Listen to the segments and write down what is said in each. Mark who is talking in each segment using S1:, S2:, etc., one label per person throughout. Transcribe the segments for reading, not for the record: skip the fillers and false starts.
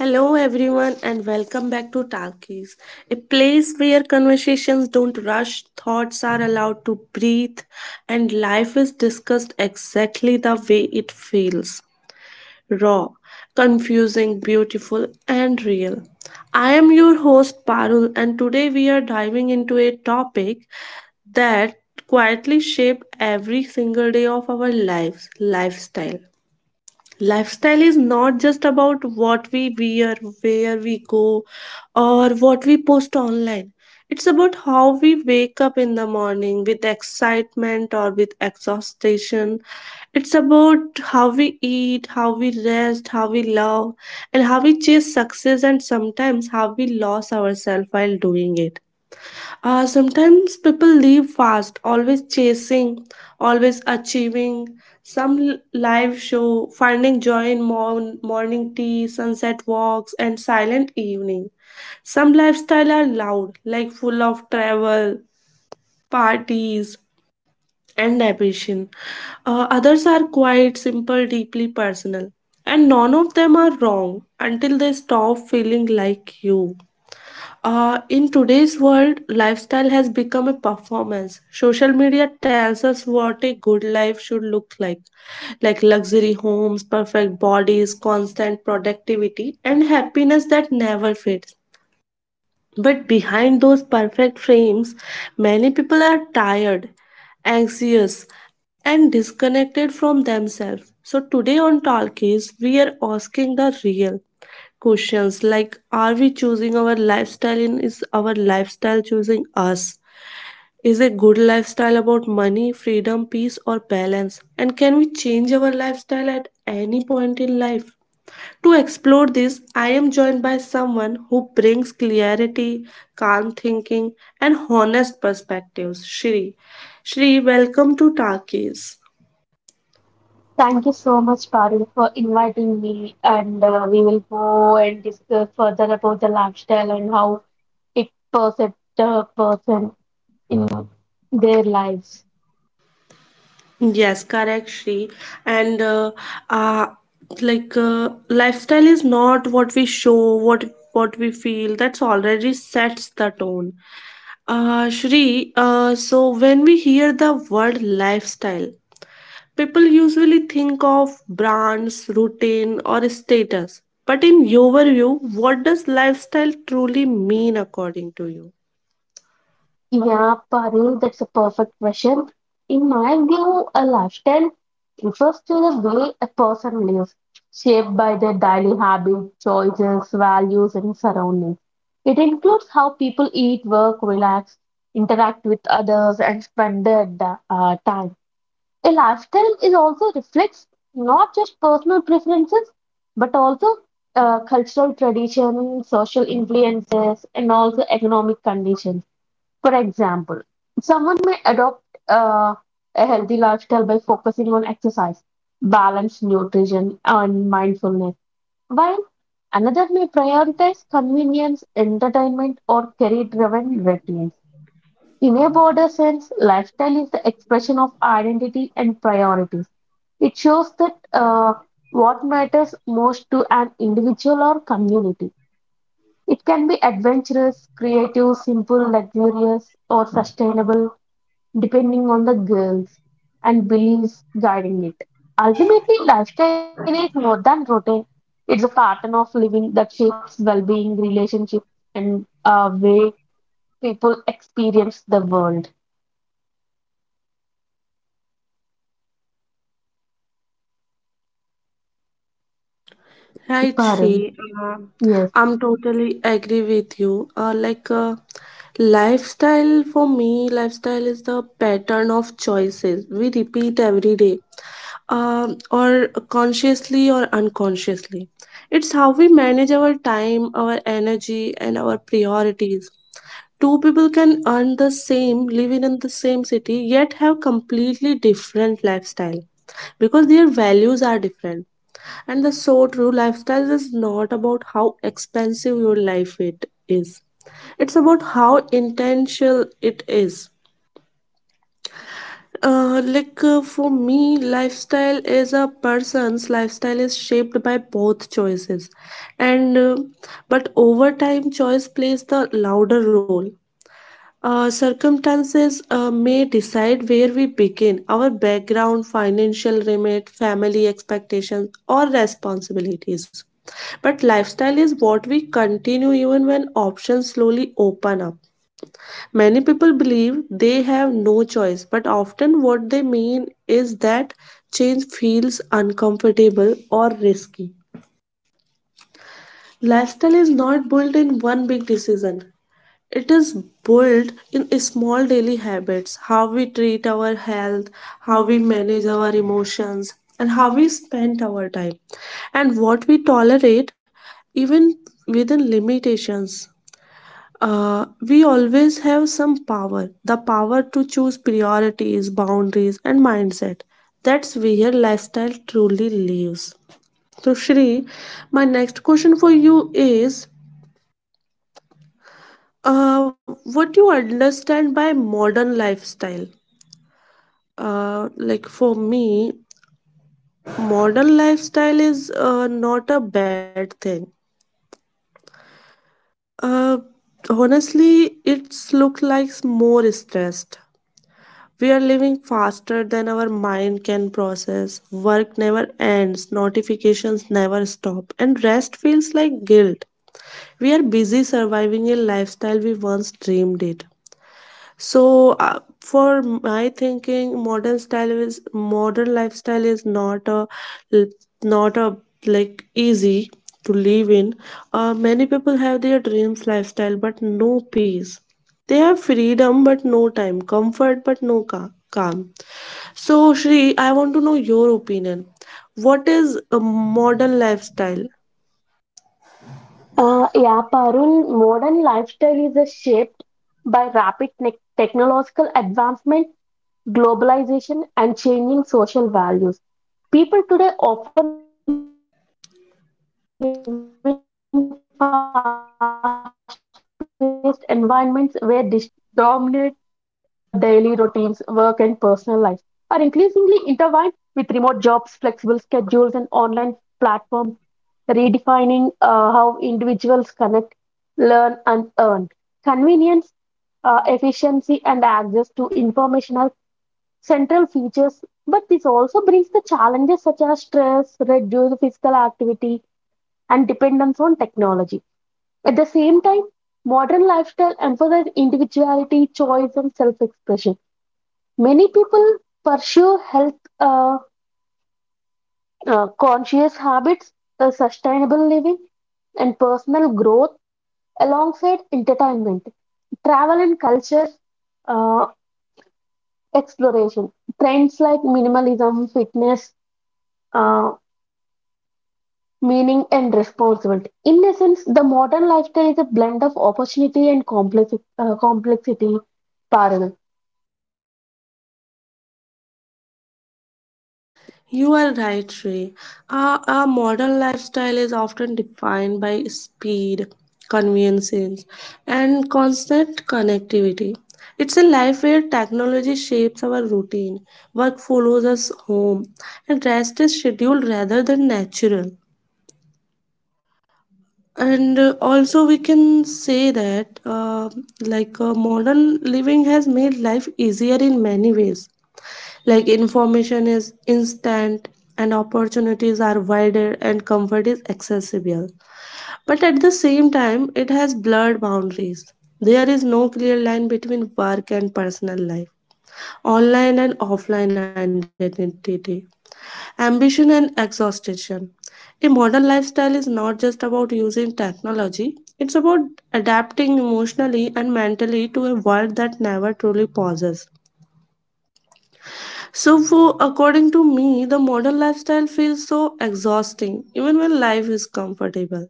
S1: Hello, everyone, and welcome back to Talkies, a place where conversations don't rush, thoughts are allowed to breathe, and life is discussed exactly the way it feels raw, confusing, beautiful, and real. I am your host, Parul, and today we are diving into a topic that quietly shaped every single day of our lives. Lifestyle is not just about what we wear, where we go, or what we post online. It's about how we wake up in the morning, with excitement or with exhaustion. It's about how we eat, how we rest, how we love, and how we chase success, and sometimes how we lose ourselves while doing it. Sometimes people live fast, always chasing, always achieving. Some live show, finding joy in morning tea, sunset walks, and silent evening. Some lifestyle are loud, like full of travel, parties, and ambition. Others are quiet, simple, deeply personal. And none of them are wrong until they stop feeling like you. In today's world, lifestyle has become a performance. Social media tells us what a good life should look like luxury homes, perfect bodies, constant productivity, and happiness that never fades. But behind those perfect frames, many people are tired, anxious, and disconnected from themselves. So, today on Talkies, we are asking the real questions, like, are we choosing our lifestyle? Is our lifestyle choosing us? Is a good lifestyle about money, freedom, peace, or balance? And can we change our lifestyle at any point in life? To explore this, I am joined by someone who brings clarity, calm thinking, and honest perspectives, Shri. Shri, welcome to Talkies.
S2: Thank you so much, Parul, for inviting me. And We will go and discuss further about the lifestyle and how it percepts the person in their lives.
S1: Yes, correct, Shri. And uh, lifestyle is not what we show, what we feel. That's already sets the tone. Shri, so when we hear the word lifestyle, people usually think of brands, routine, or status. But in your view, what does lifestyle truly mean according to you?
S2: Yeah, Parul, that's a perfect question. In my view, a lifestyle refers to the way a person lives, shaped by their daily habits, choices, values, and surroundings. It includes how people eat, work, relax, interact with others, and spend their time. A lifestyle is also reflects not just personal preferences, but also cultural tradition, social influences, and also economic conditions. For example, someone may adopt uh, a healthy lifestyle by focusing on exercise, balanced nutrition, and mindfulness, while another may prioritize convenience, entertainment, or career driven routines. In a broader sense, lifestyle is the expression of identity and priorities. It shows that what matters most to an individual or community. It can be adventurous, creative, simple, luxurious, or sustainable, depending on the goals and beliefs guiding it. Ultimately, lifestyle is more than routine. It's a pattern of living that shapes well-being, relationships, and way people experience the world.
S1: Right,
S2: Parul.
S1: Shri. Uh,
S2: Yes.
S1: I'm totally agree with you. Lifestyle is the pattern of choices we repeat every day, or consciously or unconsciously. It's how we manage our time, our energy, and our priorities. Two people can earn the same, living in the same city, yet have completely different lifestyle because their values are different. And the so true lifestyle is not about how expensive your life it is. It's about how intentional it is. For me, lifestyle is a person's lifestyle is shaped by both choices, and but over time, choice plays the louder role. Circumstances may decide where we begin, our background, financial remit, family expectations, or responsibilities. But lifestyle is what we continue even when options slowly open up. Many people believe they have no choice, but often what they mean is that change feels uncomfortable or risky. Lifestyle is not built in one big decision, it is built in small daily habits: how we treat our health, how we manage our emotions, and how we spend our time, and what we tolerate, even within limitations. We always have some power, the power to choose priorities, boundaries, and mindset. That's where lifestyle truly lives. So, Shri, my next question for you is, what do you understand by modern lifestyle? Like, for me, modern lifestyle is not a bad thing. Uh, Honestly, it's look like more stressed. We are living faster than our mind can process. Work never ends, notifications never stop, and rest feels like guilt. We are busy surviving a lifestyle we once dreamed it. So for my thinking, modern lifestyle is not a like easy to live in. Many people have their dreams lifestyle but no peace, they have freedom but no time, comfort but no calm. So, Shri, I want to know your opinion: what is a modern lifestyle?
S2: Yeah, Parul, modern lifestyle is shaped by technological advancement, globalization, and changing social values. People today often live in fast paced environments where digital devices, social media, and instant communication dominate daily routines, work, and personal life, are increasingly intertwined with remote jobs, flexible schedules, and online platforms redefining how individuals connect, learn, and earn. Convenience, efficiency, and access to information are central features, but this also brings the challenges such as stress, reduced physical activity, and dependence on technology. At the same time, modern lifestyle emphasizes individuality, choice, and self expression. Many people pursue health uh, conscious habits, sustainable living, and personal growth alongside entertainment, travel and culture uh, exploration, trends like minimalism, fitness, uh, meaning, and responsibility. In essence, the modern lifestyle is a blend of opportunity and complexity. Parul.
S1: You are right, Shrey. Our modern lifestyle is often defined by speed, convenience, and constant connectivity. It's a life where technology shapes our routine, work follows us home, and rest is scheduled rather than natural. And Also, we can say that modern living has made life easier in many ways. Like, information is instant, and opportunities are wider, and comfort is accessible, but at the same time it has blurred boundaries. There is no clear line between work and personal life, online and offline identity, ambition and exhaustion. A modern lifestyle is not just about using technology, it's about adapting emotionally and mentally to a world that never truly pauses. So, for, according to me, the modern lifestyle feels so exhausting, even when life is comfortable.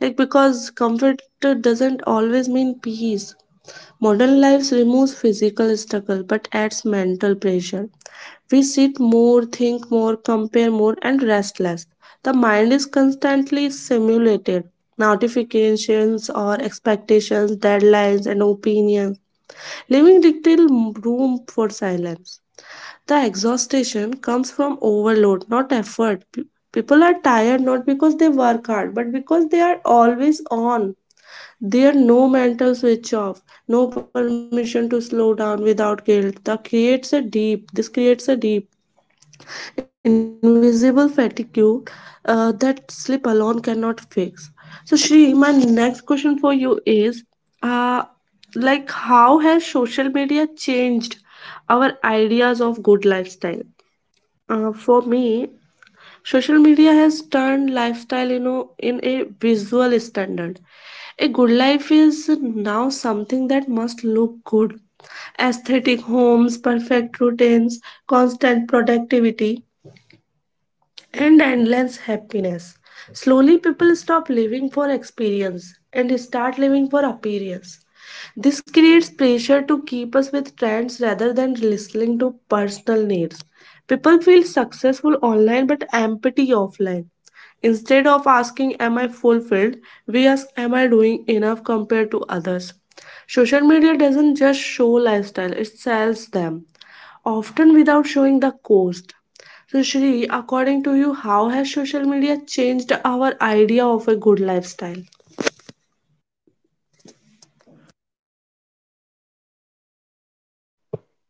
S1: Like, because comfort doesn't always mean peace. Modern life removes physical struggle but adds mental pressure. We sit more, think more, compare more, and rest less. The mind is constantly stimulated. Notifications or expectations, deadlines, and opinions, leaving little room for silence. The exhaustion comes from overload, not effort. People are tired not because they work hard, but because they are always on. There no mental switch off, no permission to slow down without guilt. That creates a deep, This creates a deep, invisible fatigue that sleep alone cannot fix. So, Shri, my next question for you is, uh, how has social media changed our ideas of good lifestyle? For me, social media has turned lifestyle, you know, in a visual standard. A good life is now something that must look good. Aesthetic homes, perfect routines, constant productivity, and endless happiness. Slowly, people stop living for experience and start living for appearance. This creates pressure to keep us with trends rather than listening to personal needs. People feel successful online but empty offline. Instead of asking, "Am I fulfilled?" we ask, "Am I doing enough compared to others?" Social media doesn't just show lifestyle, it sells them, often without showing the cost. So, Shri, according to you, how has social media changed our idea of a good lifestyle?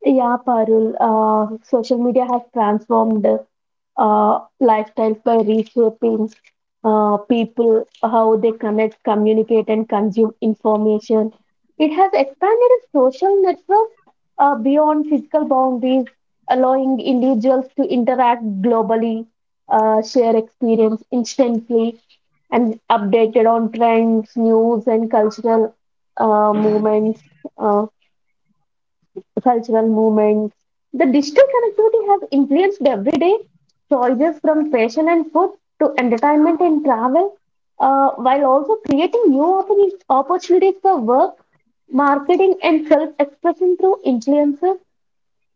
S2: Yeah, Parul. Social media has transformed lifestyles by reshaping people, how they connect, communicate, and consume information. It has expanded its social networks beyond physical boundaries, allowing individuals to interact globally, share experience instantly, and updated on trends, news, and cultural movements. Uh, cultural movements. The digital connectivity has influenced everyday choices from fashion and food to entertainment and travel, while also creating opportunities for work, marketing, and self expression through influencers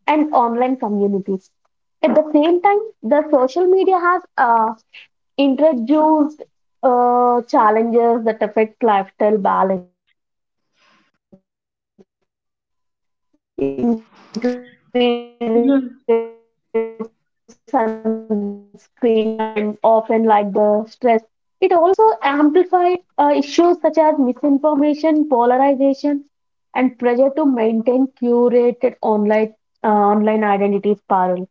S2: and online communities. At the same time, the social media has introduced challenges that affect lifestyle balance, increased sun screen time, often like the stress reduce
S1: Mhm.
S2: physical activity, and even health concerns like obesity. It also amplifies issues such as misinformation, polarization, and pressure to maintain curated online identity spiral.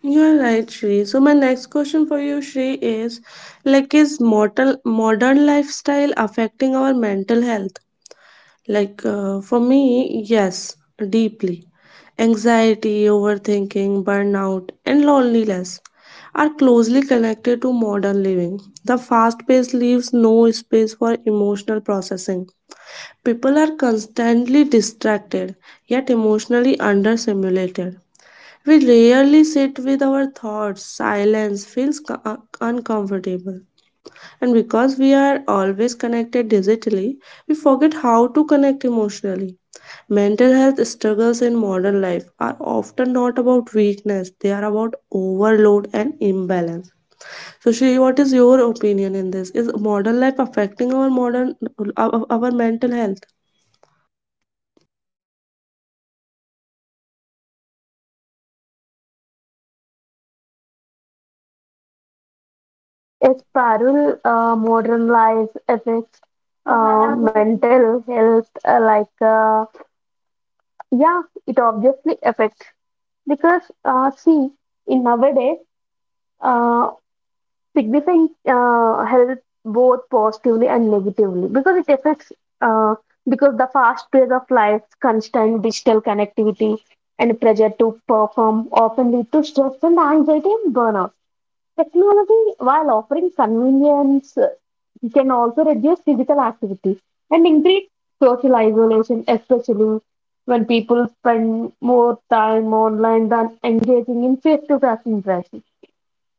S1: You're right, Shri. So my next question for you, Shri, is, like, is mortal modern lifestyle affecting our mental health? Like, for me, yes, deeply. Anxiety, overthinking, burnout, and loneliness are closely connected to modern living. The fast-paced leaves no space for emotional processing. People are constantly distracted, yet emotionally understimulated. We rarely sit with our thoughts. Silence feels uncomfortable. And because we are always connected digitally, we forget how to connect emotionally. Mental health struggles in modern life are often not about weakness, they are about overload and imbalance. So, Shri, what is your opinion in this? Is modern life affecting our modern, our mental health?
S2: A spiral modern life affects mental health, yeah, it obviously affects because see, in nowadays, uh, signifying help both positively and negatively because it affects uh, because the fast pace of life, constant digital connectivity, and pressure to perform often lead to stress and anxiety and burnout. Technology, while offering convenience, can also reduce physical activity and increase social isolation, especially when people spend more time online than engaging in face-to-face interactions.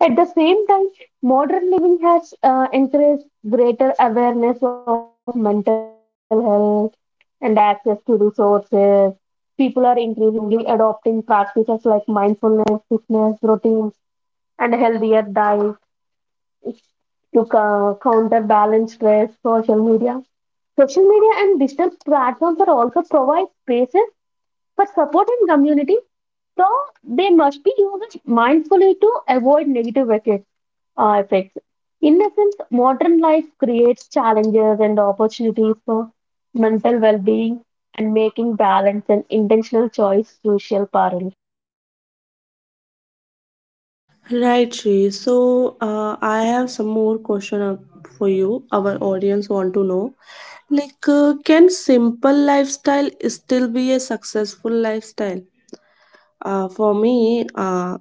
S2: At the same time, modern living has encouraged greater awareness of mental health and access to resources. People are increasingly adopting practices like mindfulness, fitness routines, and a healthier diet to counterbalance stress, social media. Social media and digital platforms are also provide spaces for support and community so they must be used mindfully to avoid negative effects. uh, effects. In essence, modern life creates challenges and opportunities for mental well being and making balance and intentional choice crucial parallel.
S1: Right, Shri. So, I have some more question for you. Our audience want to know, like, can simple lifestyle still be a successful lifestyle? Uh, for me, uh,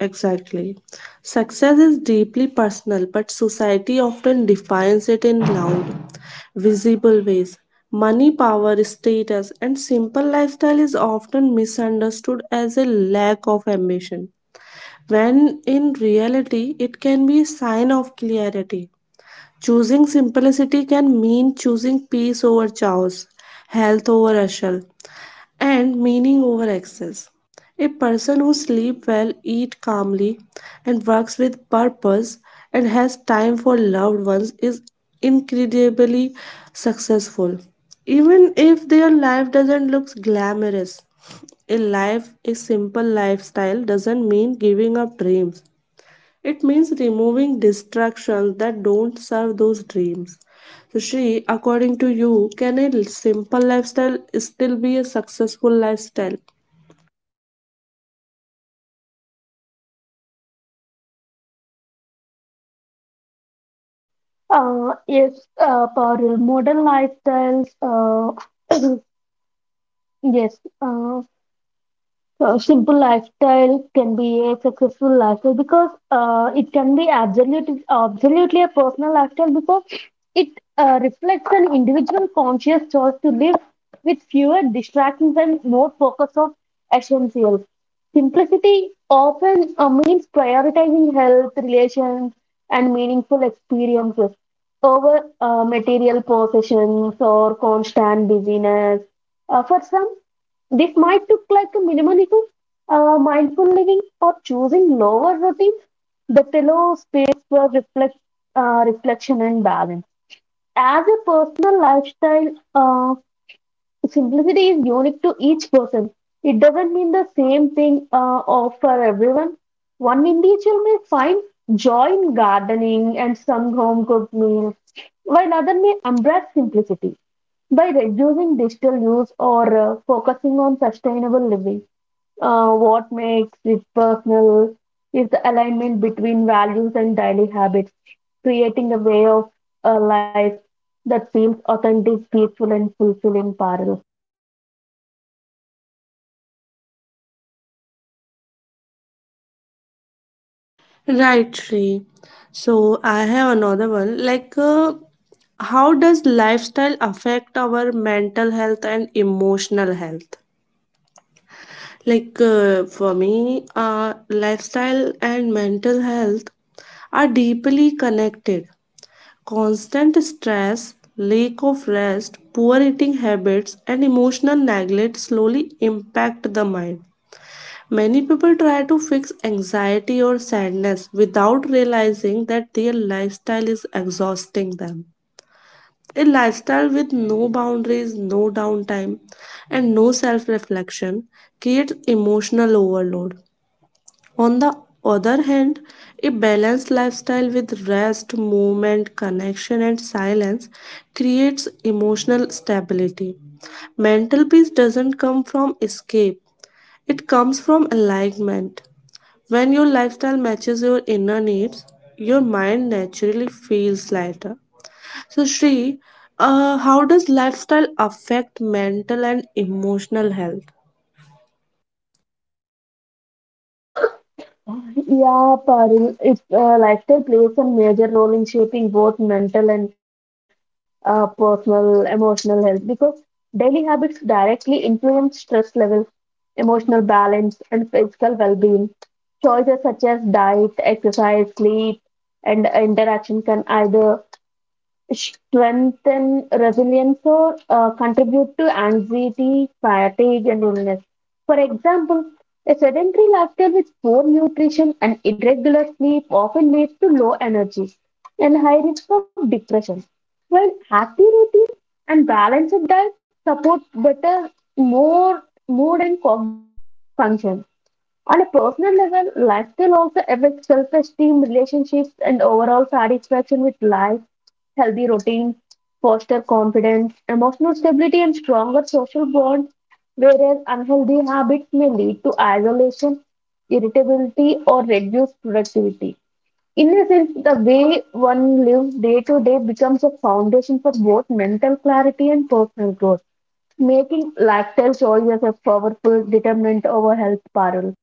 S1: exactly. Success is deeply personal, but society often defines it in loud, visible ways. Money, power, status, and simple lifestyle is often misunderstood as a lack of ambition, when in reality it can be a sign of clarity. Choosing simplicity can mean choosing peace over chaos, health over hustle, and meaning over excess. A person who sleeps well, eats calmly, and works with purpose, and has time for loved ones, is incredibly successful. Even if their life doesn't look glamorous, a simple lifestyle doesn't mean giving up dreams. It means removing distractions that don't serve those dreams. So, Shri, according to you, can a simple lifestyle still be a successful lifestyle?
S2: Uh, yes, parallel modern lifestyles. Yes, a simple lifestyle can be a successful lifestyle because it can be absolutely a personal lifestyle because it reflects an individual conscious choice to live with fewer distractions and more focus on essentials. Simplicity often means prioritizing health, relations, and meaningful experiences over material possessions or constant busyness. For some, this might look like a minimalism, mindful living, or choosing lower routines. The pillow space for reflection and balance. As a personal lifestyle, uh, simplicity is unique to each person. It doesn't mean the same thing or for everyone. One individual may find joy in gardening and some home cooked meals, while others may embrace simplicity by reducing digital use or focusing on sustainable living. What makes it personal is the alignment between values and daily habits, creating a way of a life that feels authentic, peaceful, and fulfilling, Parul.
S1: Right, Shri. So, I have another one. Like, how does lifestyle affect our mental health and emotional health? Like, lifestyle and mental health are deeply connected. Constant stress, lack of rest, poor eating habits, and emotional neglect slowly impact the mind. Many people try to fix anxiety or sadness without realizing that their lifestyle is exhausting them. A lifestyle with no boundaries, no downtime, and no self reflection creates emotional overload. On the other hand, a balanced lifestyle with rest, movement, connection, and silence creates emotional stability. Mental peace doesn't come from escape, it comes from alignment. When your lifestyle matches your inner needs, your mind naturally feels lighter. So, Shri, how does lifestyle affect mental and emotional health?
S2: Yeah, Parul, it's lifestyle plays a major role in shaping both mental and personal emotional health because daily habits directly influence stress level, emotional balance, and physical well-being. Choices such as diet, exercise, sleep, and interaction can either strengthen resilience or contribute to anxiety, fatigue, and illness. For example, a sedentary lifestyle with poor nutrition and irregular sleep often leads to low energy and high risk of depression, while healthy routine and balanced diet support better more mood and cognitive function. On a personal level, lifestyle also affects self esteem, relationships, and overall satisfaction with life. Healthy routines foster confidence, emotional stability, and stronger social bonds, whereas unhealthy habits may lead to isolation, irritability, or reduced productivity. In a sense, the way one lives day to day becomes a foundation for both mental clarity and personal growth, making lifestyle choices a powerful determinant over health, Parul.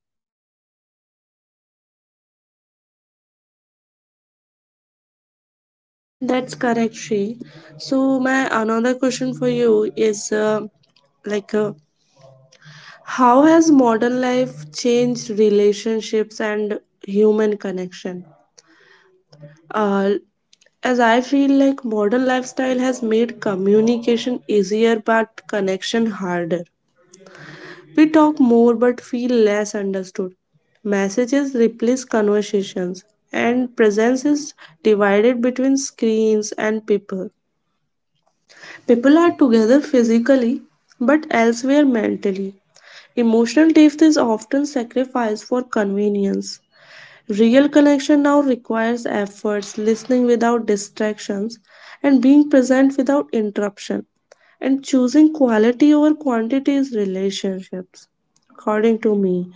S1: That's correct, Shri. So my another question for you is like uh, how has modern life changed relationships and human connection? Uh, as I feel, like, modern lifestyle has made communication easier but connection harder. We talk more but feel less understood. Messages replace conversations, and presence is divided between screens and people. People are together physically but elsewhere mentally. Emotional depth is often sacrificed for convenience. Real connection now requires efforts, listening without distractions, and being present without interruption. And choosing quality over quantity is relationships, according to me.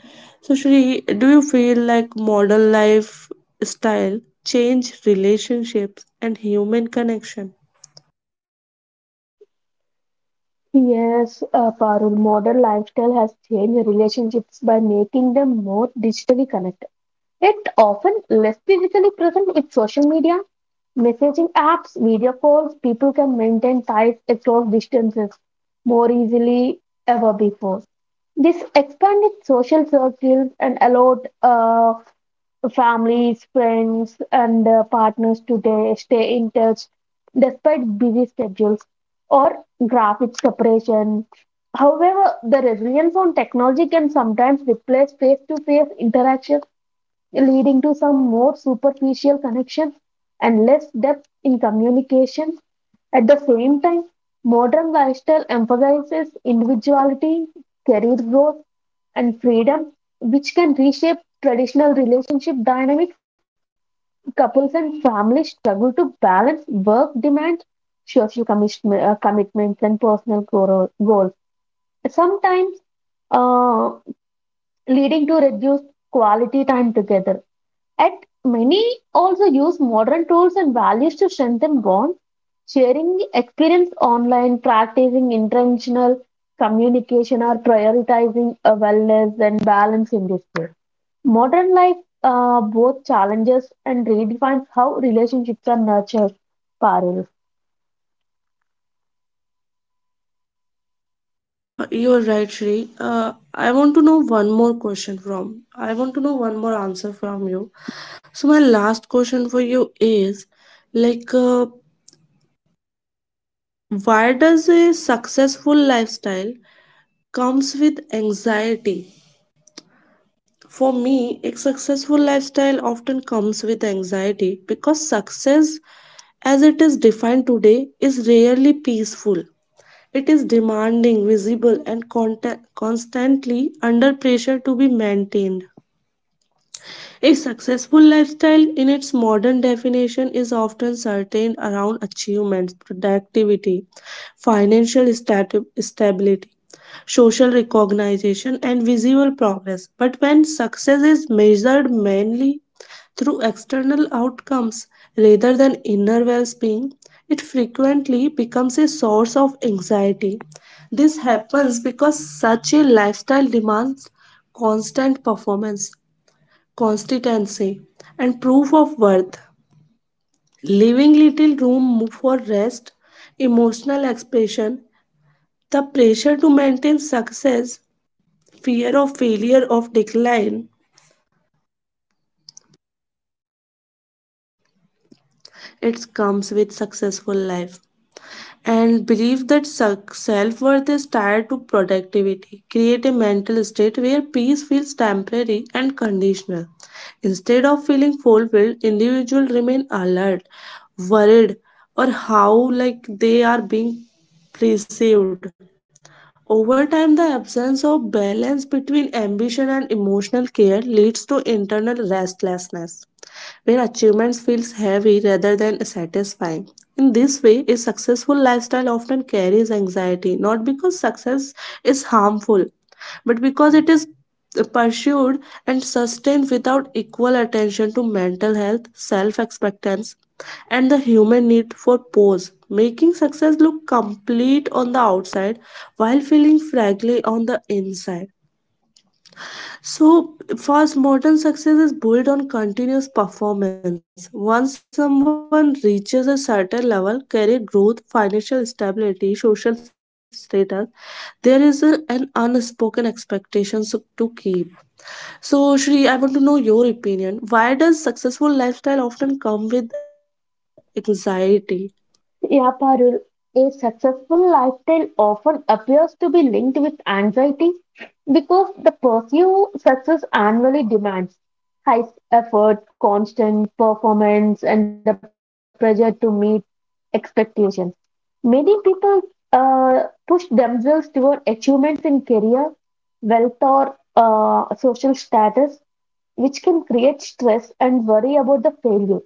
S1: So, Shri, do you feel like modern life style change relationships and human connection?
S2: Yes, Parul, modern lifestyle has changed relationships by making them more digitally connected, yet often less physically present with social media, messaging apps, video calls. People can maintain ties across distances more easily ever before. This expanded social circles and allowed families, friends, and partners today stay in touch despite busy schedules or graphic separation. However, the reliance on technology can sometimes replace face to face interaction, leading to some more superficial connections and less depth in communication. At the same time, modern lifestyle emphasizes individuality, career growth, and freedom, which can reshape traditional relationship dynamics couples and families struggle to balance work demands, social commitments, and personal goals, sometimes uh, leading to reduced quality time together. At many also use modern tools and values to strengthen bonds, sharing experience online, practicing intentional communication, or prioritizing wellness and balance in this way. Modern life both challenges and redefines how relationships are nurtured. Parul.
S1: You're right, Shri. I want to know one more question from. I want to know one more answer from you. So my last question for you is, like, uh, why does a successful lifestyle comes with anxiety? For me, a successful lifestyle often comes with anxiety because success, as it is defined today, is rarely peaceful. It is demanding, visible, and constantly under pressure to be maintained. A successful lifestyle, in its modern definition, is often certain around achievements, productivity, financial stability, social recognition, and visual progress. But when success is measured mainly through external outcomes rather than inner well being, it frequently becomes a source of anxiety. This happens because such a lifestyle demands constant performance consistency, and proof of worth. Leaving little room for rest, emotional expression, the pressure to maintain success, fear of failure of decline, it comes with successful life. And believe that self worth is tied to productivity. Create a mental state where peace feels temporary and conditional. Instead of feeling fulfilled, individuals remain alert, worried, or how like they are being perceived. Over time, the absence of balance between ambition and emotional care leads to internal restlessness where achievement feels heavy rather than satisfying. In this way, a successful lifestyle often carries anxiety, not because success is harmful, but because it is pursued and sustained without equal attention to mental health, self acceptance, and the human need for pause, making success look complete on the outside while feeling fragile on the inside. So, fast modern success is built on continuous performance. Once someone reaches a certain level, career growth, financial stability, social status, there is an unspoken expectation to keep. So, Shri, I want to know your opinion. Why does successful lifestyle often come with anxiety?
S2: Yeah, Parul. A successful lifestyle often appears to be linked with anxiety because the pursuit success annually demands high effort, constant performance, and the pressure to meet expectations. Many people push themselves toward achievements in career, wealth, or social status which can create stress and worry about the failure.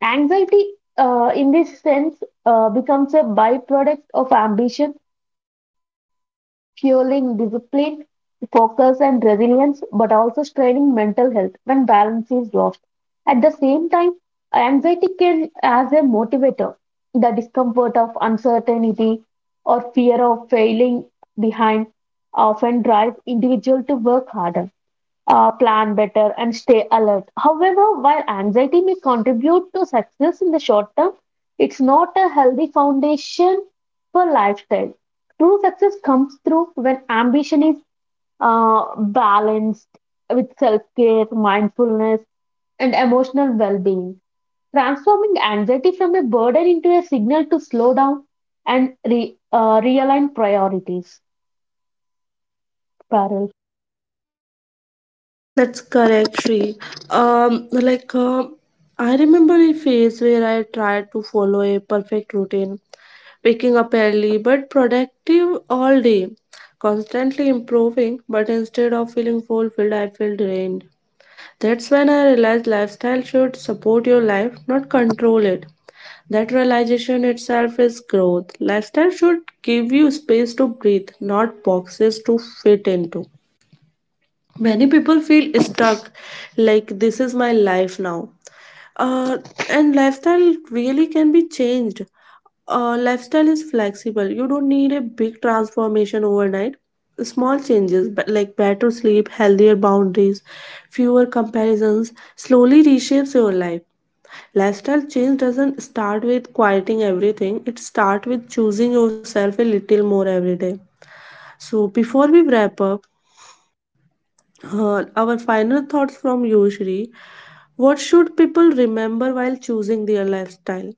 S2: Anxiety, in this sense, becomes a byproduct of ambition, fueling discipline, focus, and resilience, but also straining mental health when balance is lost. At the same time, anxiety can as a motivator the discomfort of uncertainty or fear of failing behind often drives individuals to work harder plan better, and stay alert. However, while anxiety may contribute to success in the short term, it's not a healthy foundation for lifestyle. True success comes through when ambition is balanced with self care, mindfulness, and emotional well being. Transforming anxiety from a burden into a signal to slow down and realign priorities. Parallel.
S1: That's correct, Shri. Um, like. um I remember a phase where I tried to follow a perfect routine waking up early but productive all day, constantly improving, but instead of feeling fulfilled, I feel drained. That's when I realized lifestyle should support your life, not control it. That realization itself is growth. Lifestyle should give you space to breathe, not boxes to fit into many people feel stuck like this is my life now uh, and lifestyle really can be changed. Uh, lifestyle is flexible. You don't need a big transformation overnight. Small changes, like better sleep, healthier boundaries, fewer comparisons slowly reshapes your life. Lifestyle change doesn't start with quieting everything, it starts with choosing yourself a little more every day. So before we wrap up, our final thoughts from you, Shri. What should people remember while choosing their lifestyle?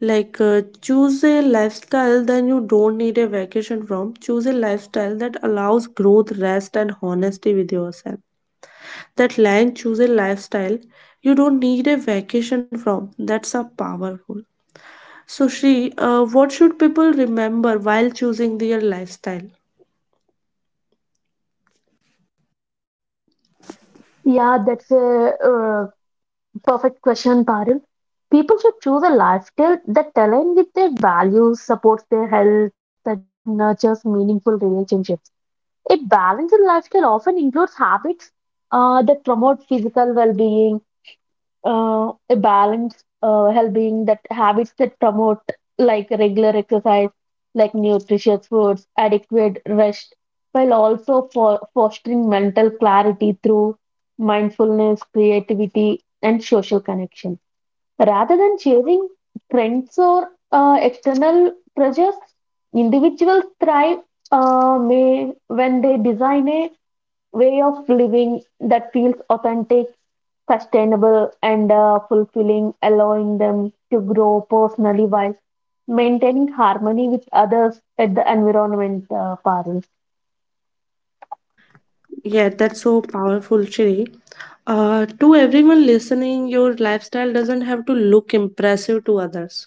S1: Choose a lifestyle that you don't need a vacation from. Choose a lifestyle that allows growth, rest, and honesty with yourself. That line, choose a lifestyle you don't need a vacation from. That's a powerful. So, Shri, what should people remember while choosing their lifestyle?
S2: Yeah, that's a perfect question, Paril. People should choose a lifestyle that aligns with their values, supports their health, and nurtures meaningful relationships. A balanced lifestyle often includes habits that promote physical well-being, a balanced well-being that habits that promote like regular exercise, like nutritious foods, adequate rest, while also for fostering mental clarity through mindfulness, creativity, and social connection rather than chasing trends or external pressures, individuals thrive may when they design a way of living that feels authentic, sustainable, and fulfilling, allowing them to grow personally while maintaining harmony with others at the environment, Parul.
S1: Yeah, that's so powerful, Shri. To everyone listening, your lifestyle doesn't have to look impressive to others.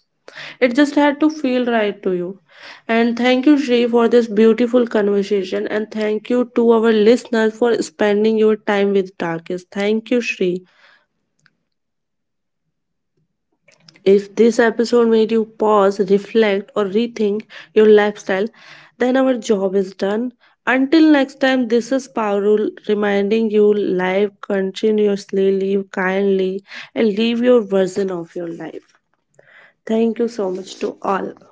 S1: It just had to feel right to you. And thank you, Shri, for this beautiful conversation. And thank you to our listeners for spending your time with darkest. Thank you, Shri. If this episode made you pause, reflect, or rethink your lifestyle, then our job is done. Until next time, this is Parul reminding you live continuously, live kindly, and live your version of your life. Thank you so much to all.